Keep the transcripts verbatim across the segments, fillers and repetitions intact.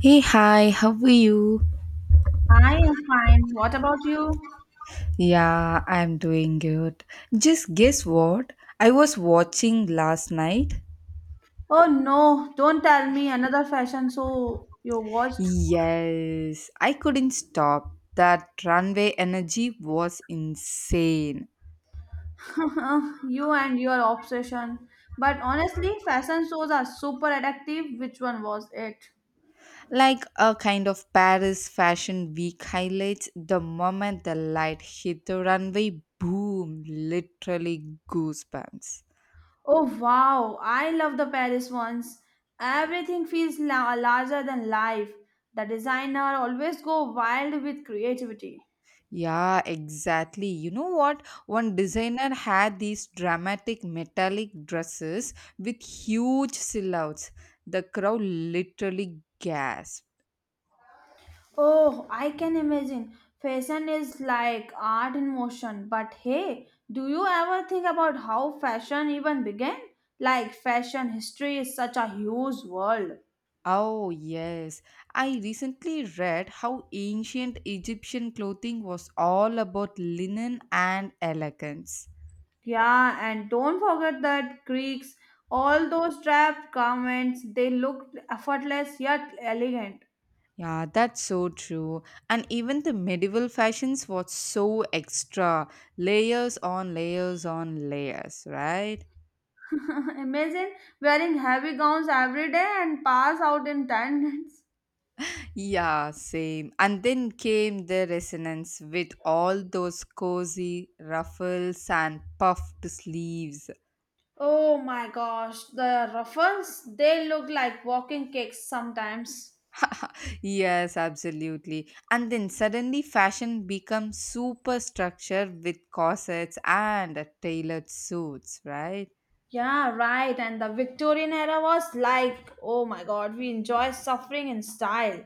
Hey, hi, how are you? I am fine. What about you? Yeah, I'm doing good. Just guess what? I was watching last night. Oh no, don't tell me another fashion show you watched. Yes, I couldn't stop. That runway energy was insane. You and your obsession. But honestly, fashion shows are super addictive. Which one was it? Like a kind of Paris Fashion Week highlights, the moment the light hit the runway, boom, literally goosebumps. Oh wow, I love the Paris ones. Everything feels la- larger than life. The designer always go wild with creativity. Yeah, exactly. You know what? One designer had these dramatic metallic dresses with huge silhouettes. The crowd literally gasped. Oh, I can imagine. Fashion is like art in motion. But hey, do you ever think about how fashion even began? Like, fashion history is such a huge world. Oh, yes. I recently read how ancient Egyptian clothing was all about linen and elegance. Yeah, and don't forget that Greeks, all those draped garments, they looked effortless yet elegant. Yeah, that's so true. And even the medieval fashions was so extra. Layers on layers on layers, right? Imagine wearing heavy gowns every day and pass out in ten minutes. Yeah, same. And then came the resonance with all those cozy ruffles and puffed sleeves. Oh my gosh, the ruffles, they look like walking cakes sometimes. Yes, absolutely. And then suddenly fashion becomes superstructure with corsets and tailored suits, right? Yeah, right. And the Victorian era was like, oh my god, we enjoy suffering in style.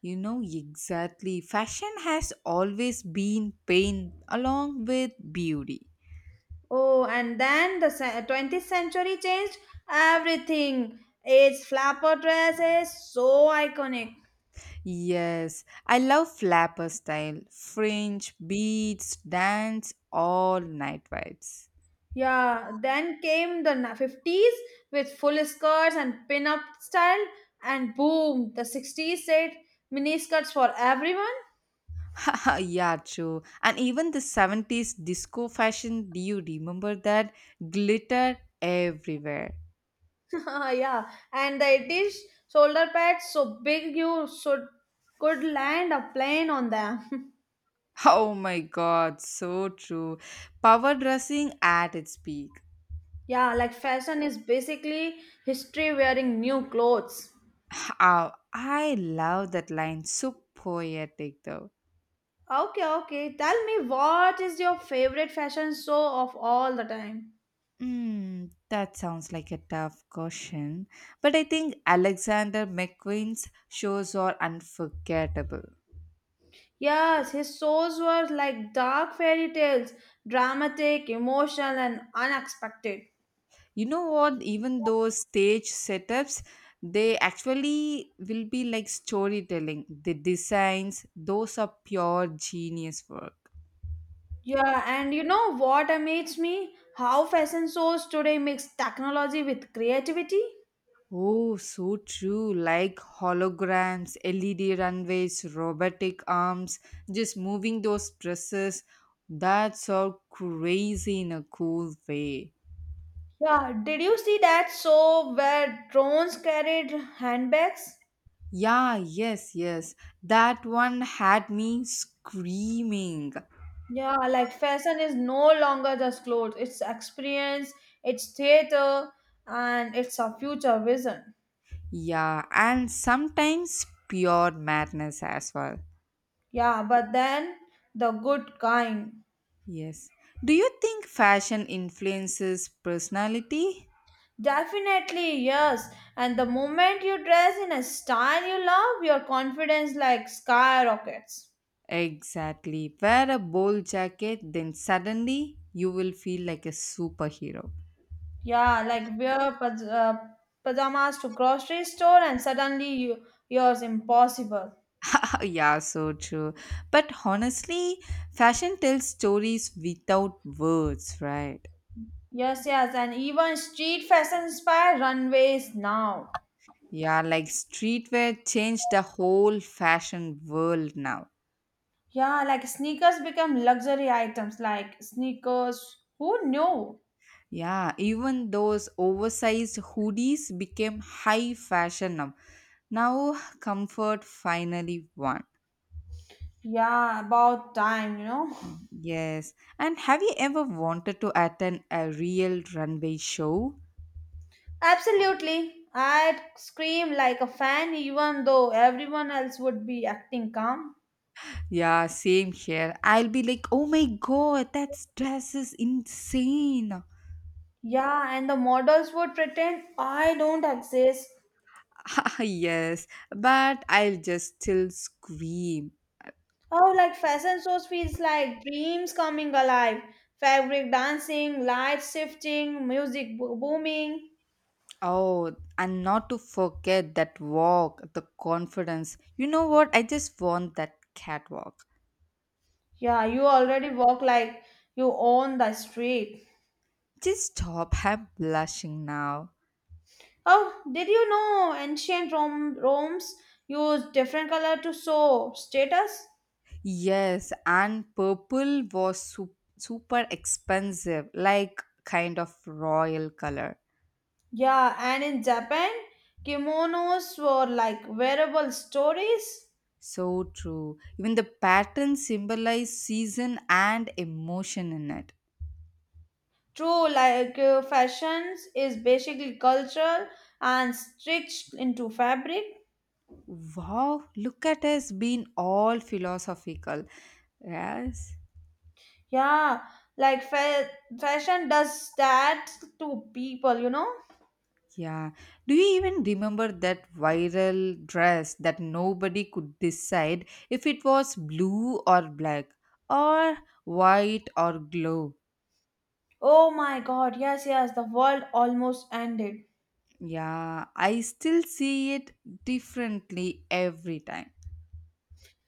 You know exactly. Fashion has always been pain along with beauty. Oh, and then the se- twentieth century changed everything. Its flapper dress is so iconic. Yes, I love flapper style, fringe, beads, dance, all night vibes. Yeah, then came the na- fifties with full skirts and pin up style, and boom, the sixties said mini skirts for everyone. Yeah, true. And even the seventies disco fashion, do you remember that? Glitter everywhere. Yeah, and it is shoulder pads so big you should could land a plane on them. Oh my god, so true. Power dressing at its peak. Yeah, like fashion is basically history wearing new clothes. Ah, I love that line, so poetic though. Okay, okay. Tell me, what is your favorite fashion show of all the time? Mm, that sounds like a tough question, but I think Alexander McQueen's shows are unforgettable. Yes, his shows were like dark fairy tales, dramatic, emotional, and unexpected. You know what? Even those stage setups, they actually will be like storytelling. The designs, those are pure genius work. Yeah, and you know what amazes me? How fashion shows today mix technology with creativity. Oh, so true. Like holograms, L E D runways, robotic arms, just moving those dresses. That's all crazy in a cool way. Yeah, did you see that show where drones carried handbags? Yeah, yes, yes. That one had me screaming. Yeah, like fashion is no longer just clothes, it's experience, it's theater, and it's a future vision. Yeah, and sometimes pure madness as well. Yeah, but then the good kind. Yes. Do you think fashion influences personality? Definitely, yes. And the moment you dress in a style you love, your confidence like skyrockets. Exactly. Wear a bold jacket, then suddenly you will feel like a superhero. Yeah, like wear paj- uh, pajamas to grocery store and suddenly you, yours impossible. Yeah, so true. But honestly, fashion tells stories without words, right? Yes, yes, and even street fashion inspire runways now. Yeah, like streetwear changed the whole fashion world now. Yeah, like sneakers become luxury items, like sneakers. Who knew? Yeah, even those oversized hoodies became high fashion now. Now, comfort finally won. Yeah, about time, you know. Yes. And have you ever wanted to attend a real runway show? Absolutely. I'd scream like a fan, even though everyone else would be acting calm. Yeah, same here. I'll be like, oh my god, that dress is insane. Yeah, and the models would pretend I don't exist. Yes, but I'll just still scream. Oh, like fashion shows feels like dreams coming alive. Fabric dancing, light shifting, music bo- booming. Oh, and not to forget that walk, the confidence. You know what? I just want that catwalk. Yeah, you already walk like you own the street. Just stop. I'm blushing now. Oh, did you know ancient Rome Rome's used different color to show status? Yes, and purple was su- super expensive, like kind of royal color. Yeah, and in Japan, kimonos were like wearable stories. So true. Even the pattern symbolized season and emotion in it. True, like uh, fashions is basically cultural and stitched into fabric. Wow, look at us being all philosophical. Yes. Yeah, like fa- fashion does that to people, you know. Yeah. Do you even remember that viral dress that nobody could decide if it was blue or black or white or glow? Oh my god, yes, yes, the world almost ended. Yeah, I still see it differently every time.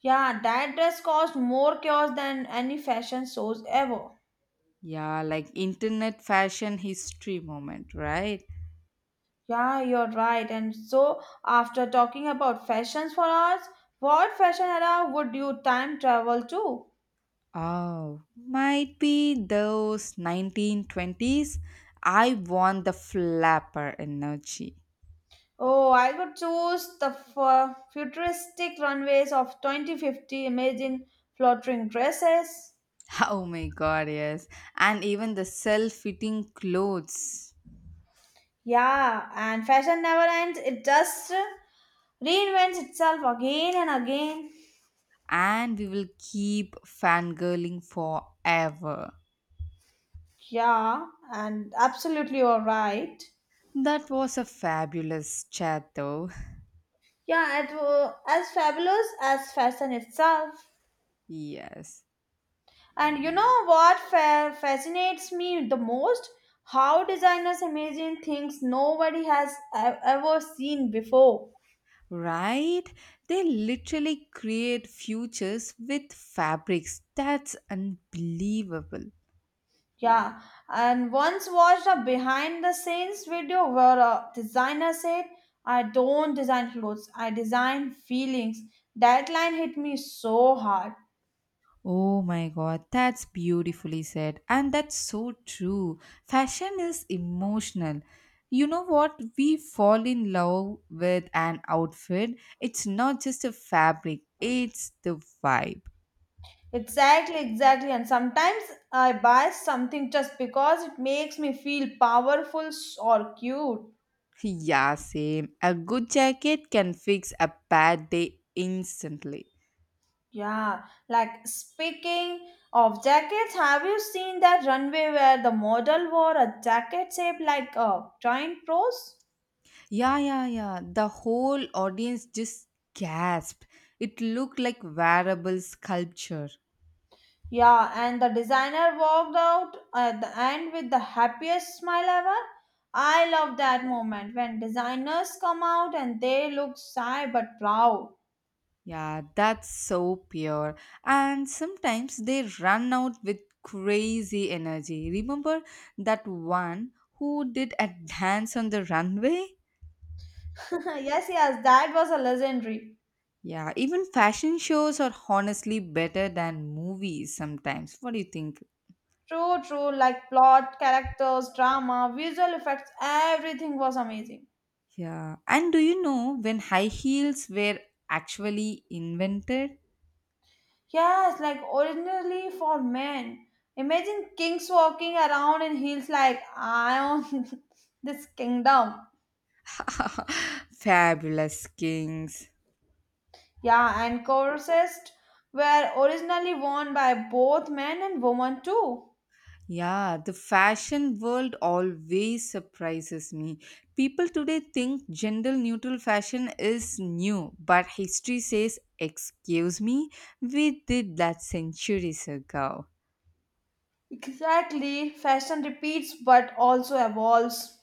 Yeah, that dress caused more chaos than any fashion shows ever. Yeah, like internet fashion history moment, right? Yeah, you're right. And so, after talking about fashions for hours, what fashion era would you time travel to? Oh, might be those nineteen twenties. I want the flapper energy. Oh, I would choose the fu- futuristic runways of twenty fifty, imagine fluttering dresses. Oh my god, yes. And even the self fitting clothes. Yeah, and fashion never ends, it just reinvents itself again and again. And we will keep fangirling forever. Yeah, and absolutely you're right. That was a fabulous chat, though. Yeah, it wa- as fabulous as fashion itself. Yes. And you know what fa- fascinates me the most? How designers imagine things nobody has e- ever seen before. Right? They literally create futures with fabrics. That's unbelievable. Yeah, and once watched a behind the scenes video where a designer said, I don't design clothes, I design feelings. That line hit me so hard. Oh my god, that's beautifully said. And that's so true. Fashion is emotional. You know what? We fall in love with an outfit. It's not just a fabric, it's the vibe. Exactly, exactly. And sometimes I buy something just because it makes me feel powerful s- or cute. Yeah, same. A good jacket can fix a bad day instantly. Yeah, like speaking of jackets, have you seen that runway where the model wore a jacket shaped like a giant rose? Yeah, yeah, yeah. The whole audience just gasped. It looked like wearable sculpture. Yeah, and the designer walked out at the end with the happiest smile ever. I love that moment when designers come out and they look shy but proud. Yeah, that's so pure. And sometimes they run out with crazy energy. Remember that one who did a dance on the runway? Yes, yes, that was a legendary. Yeah, even fashion shows are honestly better than movies sometimes. What do you think? True, true, like plot, characters, drama, visual effects, everything was amazing. Yeah. And do you know when high heels were actually invented? Yes, like originally for men. Imagine kings walking around in heels like I own this kingdom. Fabulous kings. Yeah, and corsets were originally worn by both men and women too. Yeah, the fashion world always surprises me. People today think gender neutral fashion is new, but history says, excuse me, we did that centuries ago. Exactly, fashion repeats but also evolves.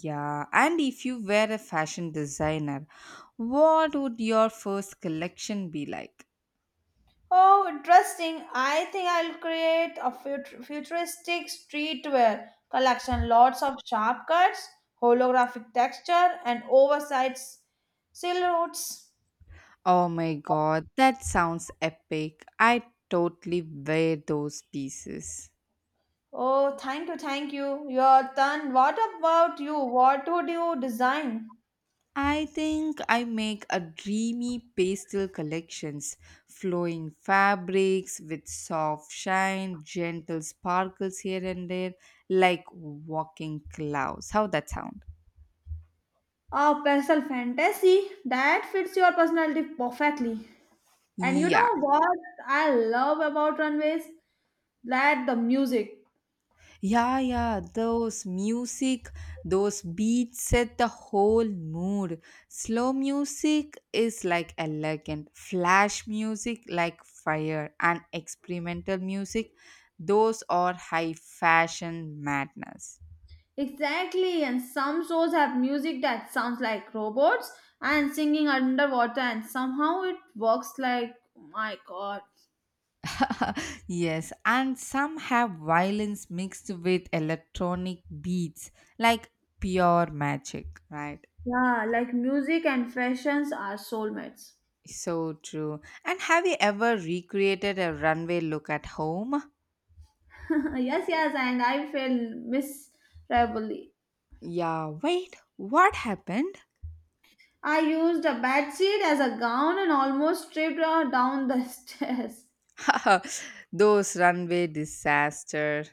Yeah, and if you were a fashion designer, what would your first collection be like? Oh, interesting. I think I'll create a fut- futuristic streetwear collection. Lots of sharp cuts, holographic texture, and oversized silhouettes. Oh my god, that sounds epic. I totally wear those pieces. Oh, thank you, thank you. Your turn. What about you? What would you design? I think I make a dreamy pastel collections, flowing fabrics with soft shine, gentle sparkles here and there, like walking clouds. How that sound? A pencil fantasy that fits your personality perfectly. And you Yeah, know what I love about runways? That the music. yeah, yeah, those music, those beats set the whole mood. Slow music is like elegant, flash music like fire, and experimental music, those are high fashion madness. Exactly, and some shows have music that sounds like robots and singing underwater, and somehow it works like my god. Yes, and some have violence mixed with electronic beats, like pure magic, right? Yeah, like music and fashions are soulmates. So true. And have you ever recreated a runway look at home? Yes, yes, and I felt miserably. Yeah, wait, what happened? I used a bedsheet as a gown and almost tripped her down the stairs. Those runway disaster.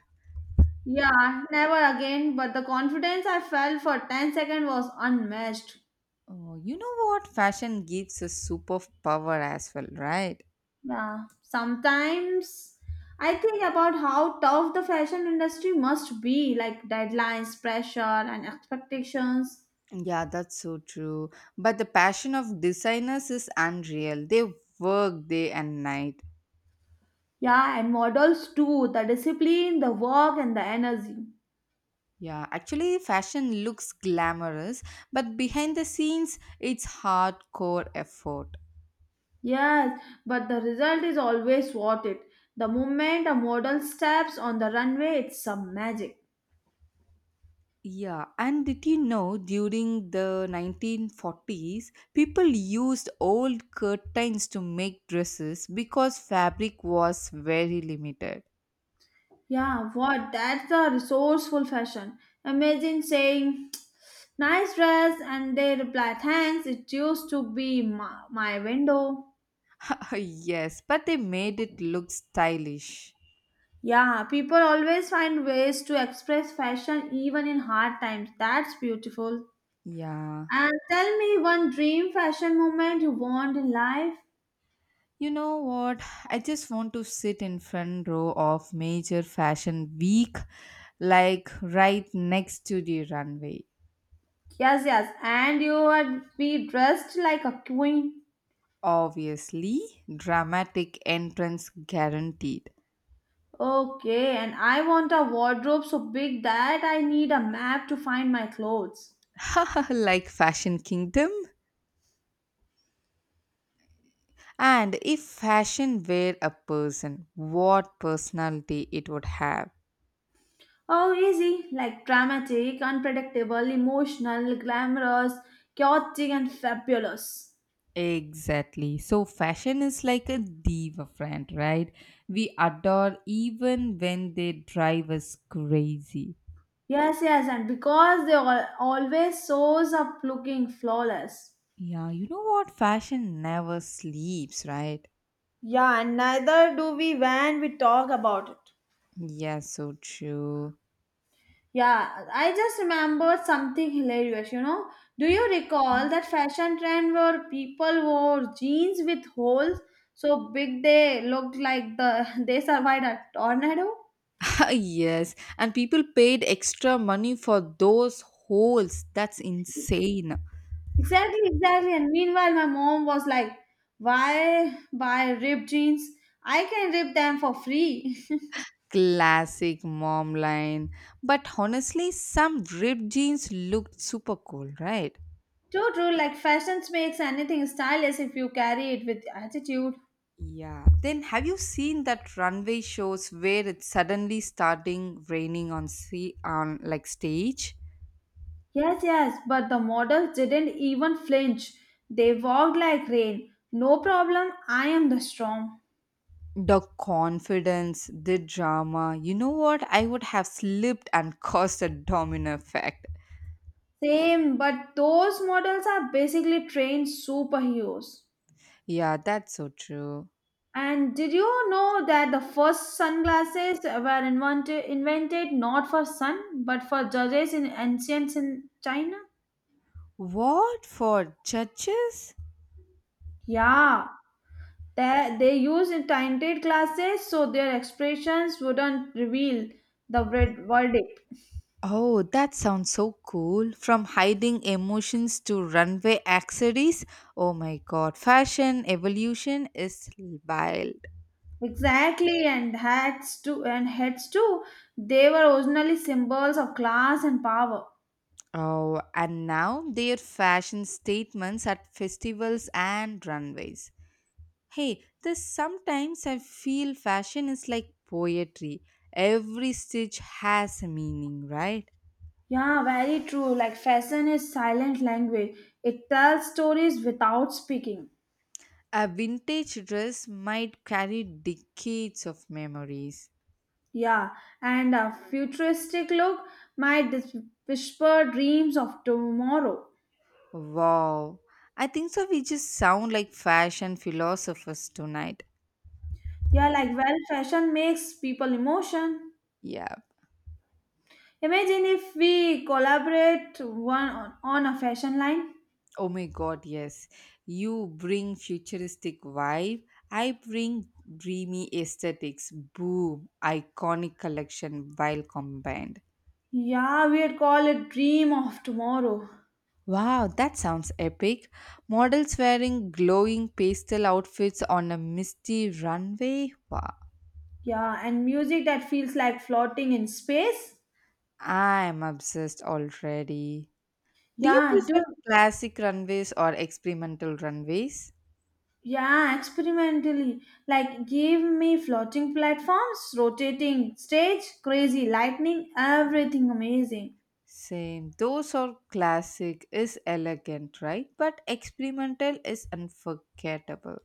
Yeah, never again, but the confidence I felt for ten seconds was unmatched. Oh, you know what? Fashion gives a superpower as well, right? Yeah, sometimes I think about how tough the fashion industry must be, like deadlines, pressure, and expectations. Yeah, that's so true. But the passion of designers is unreal. They work day and night. Yeah, and models too, the discipline, the work, and the energy. Yeah, actually, fashion looks glamorous, but behind the scenes, it's hardcore effort. Yes, but the result is always worth it. The moment a model steps on the runway, it's some magic. Yeah, and did you know during the nineteen forties, people used old curtains to make dresses because fabric was very limited? Yeah, what? That's the resourceful fashion. Imagine saying, nice dress, and they reply, thanks, it used to be my, my window. Yes, but they made it look stylish. Yeah, people always find ways to express fashion even in hard times. That's beautiful. Yeah. And tell me one dream fashion moment you want in life. You know what? I just want to sit in front row of major fashion week like right next to the runway. Yes, yes, and you would be dressed like a queen. Obviously, dramatic entrance guaranteed. Okay, and I want a wardrobe so big that I need a map to find my clothes. Like Fashion Kingdom. And if fashion were a person, what personality it would have? Oh, easy, like dramatic, unpredictable, emotional, glamorous, chaotic, and fabulous. Exactly. So, fashion is like a diva friend, right? We adore even when they drive us crazy. Yes, yes, and because they al- always shows up looking flawless. Yeah, you know what? Fashion never sleeps, right? Yeah, and neither do we when we talk about it. Yeah, so true. Yeah, I just remembered something hilarious, you know. Do you recall that fashion trend where people wore jeans with holes so big they looked like the they survived a tornado? Yes, and people paid extra money for those holes. That's insane. Exactly, exactly. And meanwhile my mom was like, why buy ripped jeans? I can rip them for free. Classic mom line. But honestly, some ripped jeans looked super cool, right? True, true. Like fashion makes anything stylish if you carry it with attitude. Yeah. Then have you seen that runway shows where it's suddenly starting raining on sea on like stage? Yes, yes. But the models didn't even flinch. They walked like rain. No problem. I am the strong. The confidence, the drama. You know what? I would have slipped and caused a domino effect. Same, but those models are basically trained superheroes. Yeah, that's so true. And did you know that the first sunglasses were invented, invented not for sun but for judges in ancient in China? What for judges? Yeah, They, they use tinted glasses so their expressions wouldn't reveal the ver- verdict. Oh, that sounds so cool. From hiding emotions to runway accessories. Oh my god, fashion evolution is wild. Exactly, and hats too, and heads too. They were originally symbols of class and power. Oh, and now their fashion statements at festivals and runways. Hey, this sometimes I feel fashion is like poetry. Every stitch has a meaning, right? Yeah, very true. Like fashion is silent language. It tells stories without speaking. A vintage dress might carry decades of memories. Yeah, and a futuristic look might dis- whisper dreams of tomorrow. Wow. I think so. We just sound like fashion philosophers tonight. Yeah, like well, fashion makes people emotion. Yeah. Imagine if we collaborate one on, on a fashion line. Oh my God. Yes. You bring futuristic vibe. I bring dreamy aesthetics. Boom. Iconic collection while combined. Yeah, we'd call it Dream of Tomorrow. Wow. That sounds epic. Models wearing glowing pastel outfits on a misty runway. Wow. Yeah, and music that feels like floating in space. I'm obsessed already. Do you Yeah, do prefer classic runways or experimental runways? yeah, Experimentally. Like give me floating platforms, rotating stage, crazy lightning, everything amazing. Same. Those are classic is elegant, right? But experimental is unforgettable.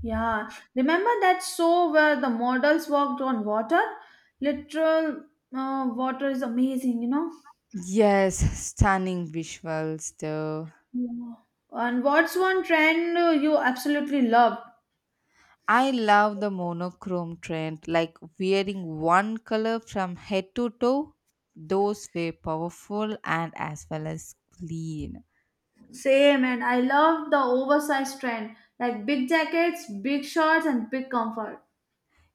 Yeah. Remember that show where the models walked on water? Literal uh, water is amazing, you know? Yes, stunning visuals though. Yeah. And what's one trend uh, you absolutely love? I love the monochrome trend, like wearing one color from head to toe. Those were powerful and as well as clean. Same, and I love the oversized trend, like big jackets, big shorts, and big comfort.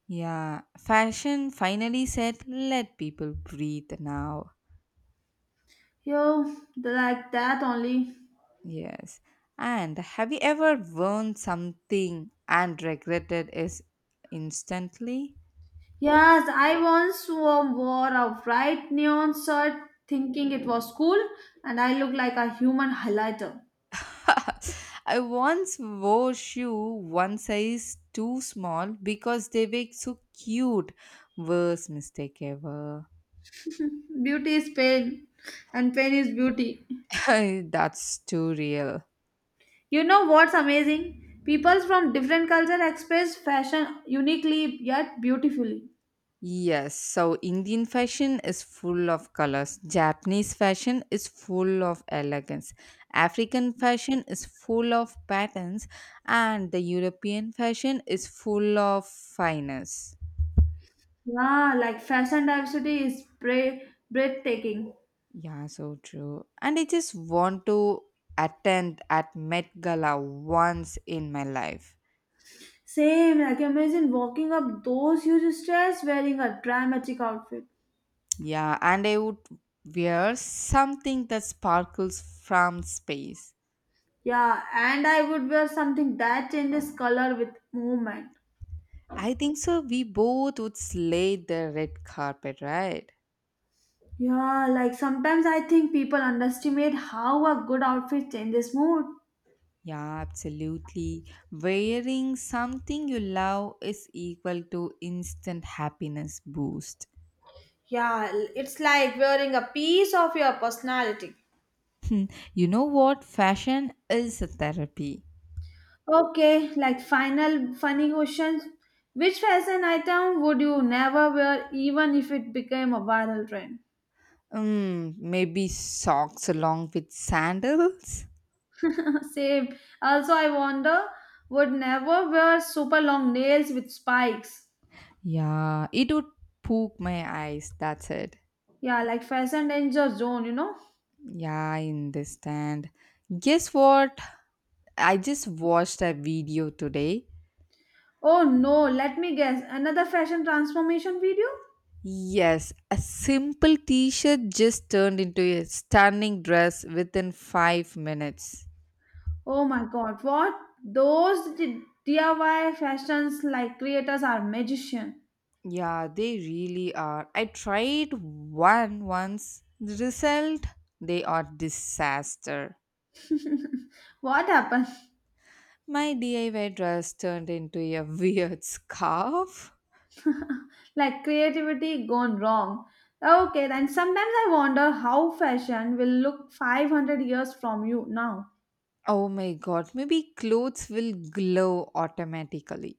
Yeah, fashion finally said, let people breathe now. Yo, like that only. Yes. And have you ever worn something and regretted it instantly? Yes, I once wo- wore a bright neon shirt thinking it was cool, and I looked like a human highlighter. I once wore shoe one size too small because they were so cute. Worst mistake ever. Beauty is pain, and pain is beauty. That's too real. You know what's amazing? People from different culture express fashion uniquely yet beautifully. Yes, so Indian fashion is full of colors. Japanese fashion is full of elegance. African fashion is full of patterns. And the European fashion is full of fineness. Yeah, like fashion diversity is bra- breathtaking. Yeah, so true. And I just want to attend at Met Gala once in my life. Same, like imagine walking up those huge stairs wearing a dramatic outfit. Yeah, and I would wear something that sparkles from space. Yeah, and I would wear something that changes color with movement. I think so. We both would slay the red carpet, right? Yeah, like sometimes I think people underestimate how a good outfit changes mood. Yeah, absolutely. Wearing something you love is equal to instant happiness boost. Yeah, it's like wearing a piece of your personality. Hmm, you know what? Fashion is a therapy. Okay, like final funny questions. Which fashion item would you never wear even if it became a viral trend? Mm, maybe socks along with sandals? Same. Also, I wonder would never wear super long nails with spikes. Yeah, it would poke my eyes. That's it. Yeah, like fashion danger zone, you know? Yeah, I understand. Guess what? I just watched a video today. Oh no, let me guess. Another fashion transformation video? Yes, a simple t shirt just turned into a stunning dress within five minutes. Oh my god, what? Those d- DIY fashions like creators are magician. Yeah, they really are. I tried one once. The result? They are disaster. What happened? My D I Y dress turned into a weird scarf. Like creativity gone wrong. Okay, then sometimes I wonder how fashion will look five hundred years from you now, Oh my god, maybe clothes will glow automatically.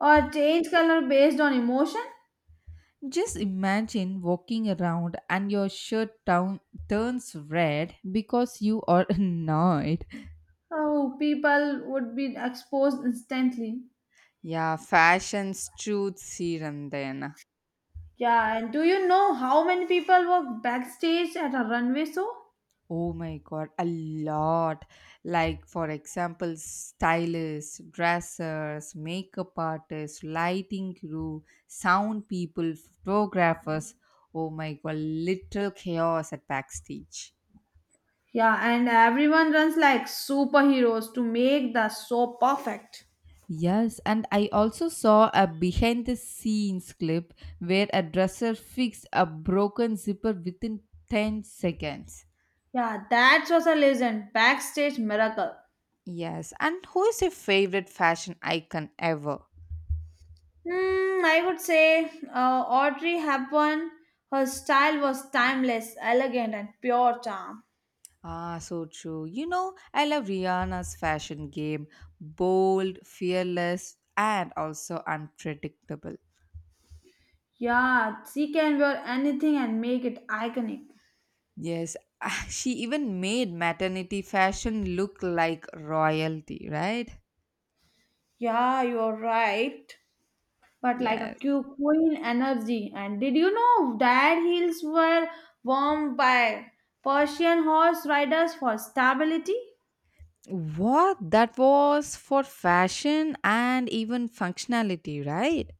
or change color based on emotion. Just imagine walking around and your shirt down turns red because you are annoyed. Oh, people would be exposed instantly. Yeah, fashion's truth serum then. Yeah, and do you know how many people work backstage at a runway show? Oh my god, a lot. Like for example, stylists, dressers, makeup artists, lighting crew, sound people, photographers. Oh my god, little chaos at backstage. Yeah, and everyone runs like superheroes to make the show perfect. Yes, and I also saw a behind the scenes clip where a dresser fixed a broken zipper within ten seconds. Yeah, that was a legend. Backstage miracle. Yes, and who is your favorite fashion icon ever? Hmm, I would say uh, Audrey Hepburn. Her style was timeless, elegant, and pure charm. Ah, so true. You know, I love Rihanna's fashion game bold, fearless, and also unpredictable. Yeah, she can wear anything and make it iconic. Yes, she even made maternity fashion look like royalty, right? Yeah, you're right. But like a Yes. cu- queen energy. And did you know that heels were worn by Persian horse riders for stability? What? That was for fashion and even functionality, right?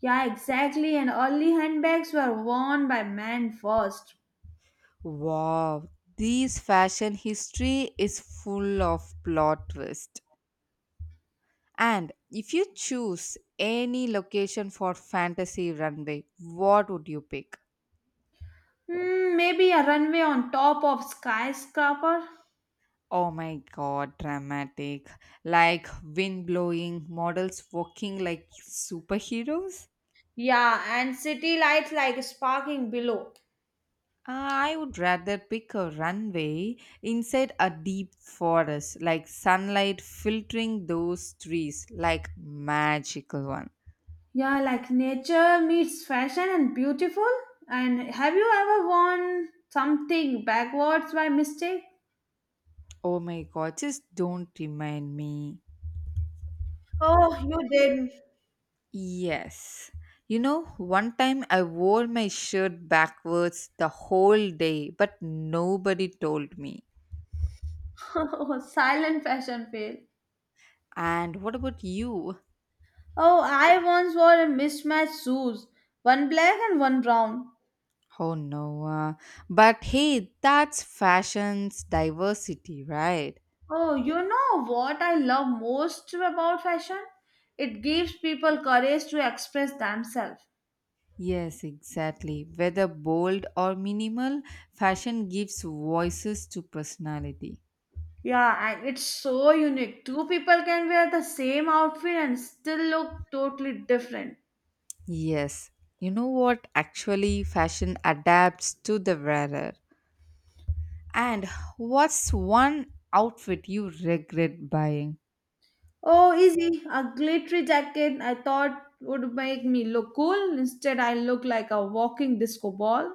Yeah, exactly. And early handbags were worn by men first. Wow, this fashion history is full of plot twists. And if you choose any location for fantasy runway, what would you pick? Hmm, maybe a runway on top of skyscraper. Oh my god, dramatic. Like wind blowing, models walking like superheroes? Yeah, and city lights like sparkling below. Ah, I would rather pick a runway inside a deep forest, like sunlight filtering those trees, like magical one. Yeah, like nature meets fashion and beautiful. And have you ever worn something backwards by mistake? Oh my god, just don't remind me. Oh, you did. Yes. You know, one time I wore my shirt backwards the whole day, but nobody told me. Oh, silent fashion fail. And what about you? Oh, I once wore a mismatched shoes, one black and one brown. Oh no. Uh, but hey, that's fashion's diversity, right? Oh, you know what I love most about fashion? It gives people courage to express themselves. Yes, exactly. Whether bold or minimal, fashion gives voices to personality. Yeah, and it's so unique. Two people can wear the same outfit and still look totally different. Yes. You know what? Actually, fashion adapts to the wearer. And what's one outfit you regret buying? Oh, easy. A glittery jacket I thought would make me look cool. Instead, I look like a walking disco ball.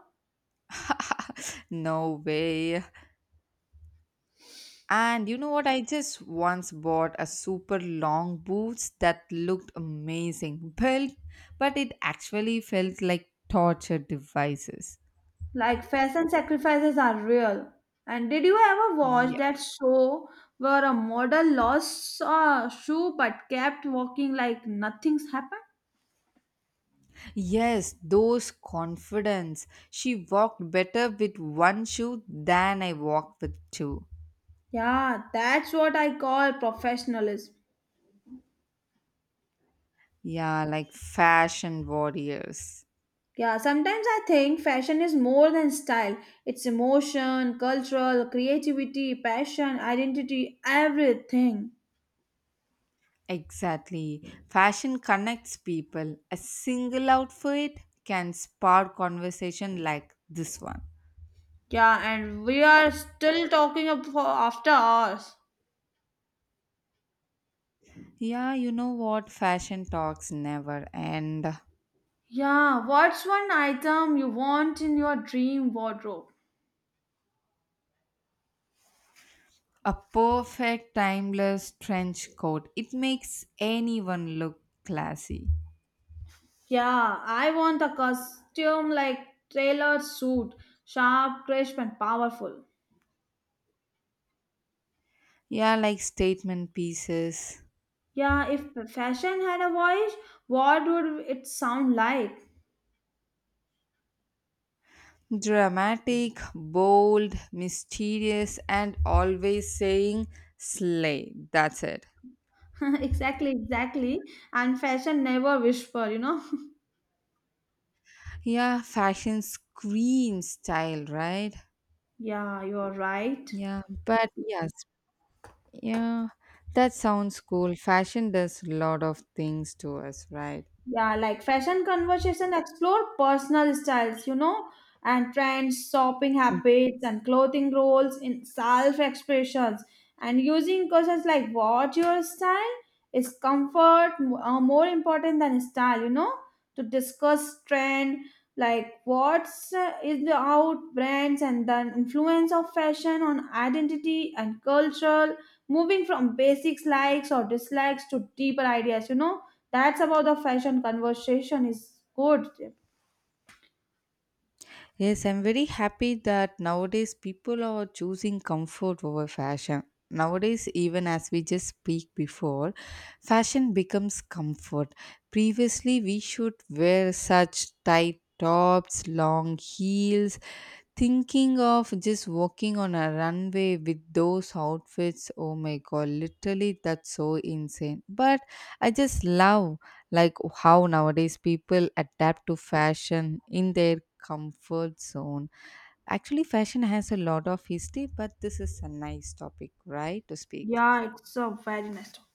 No way. And you know what? I just once bought a super long boots that looked amazing, built, but it actually felt like torture devices. Like fashion sacrifices are real. And did you ever watch Yeah. that show where a model lost a shoe but kept walking like nothing's happened? Yes, those confidence. She walked better with one shoe than I walked with two. Yeah, that's what I call professionalism. Yeah, like fashion warriors. Yeah, sometimes I think fashion is more than style. It's emotion, cultural, creativity, passion, identity, everything. Exactly. Fashion connects people. A single outfit can spark conversation like this one. Yeah, and we are still talking ab- for after hours. Yeah, you know what? Fashion talks never end. Yeah, what's one item you want in your dream wardrobe? A perfect timeless trench coat. It makes anyone look classy. Yeah, I want a costume like tailored suit, sharp, crisp, and powerful. Yeah, like statement pieces. Yeah, if fashion had a voice, what would it sound like? Dramatic, bold, mysterious, and always saying slay. That's it. Exactly, exactly. And fashion never whisper, you know? Yeah, fashion screams style, right? Yeah, you're right. Yeah. But yes, yeah, that sounds cool. Fashion does a lot of things to us, right? Yeah, like fashion conversation explore personal styles, you know, and trends, shopping habits, and clothing roles in self expressions. And using questions like what your style is, comfort m- uh, more important than style, you know, to discuss trend like what's uh, is the out brands and the influence of fashion on identity and culture, moving from basics likes or dislikes to deeper ideas, you know, that's about the fashion conversation is good. Yes, I'm very happy that nowadays people are choosing comfort over fashion. Nowadays, even as we just speak before, fashion becomes comfort. Previously, we should wear such tight tops, long heels, thinking of just walking on a runway with those outfits, oh my god, literally that's so insane. But I just love like how nowadays people adapt to fashion in their comfort zone. Actually, fashion has a lot of history, but this is a nice topic, right? To speak. Yeah, it's a very nice talk.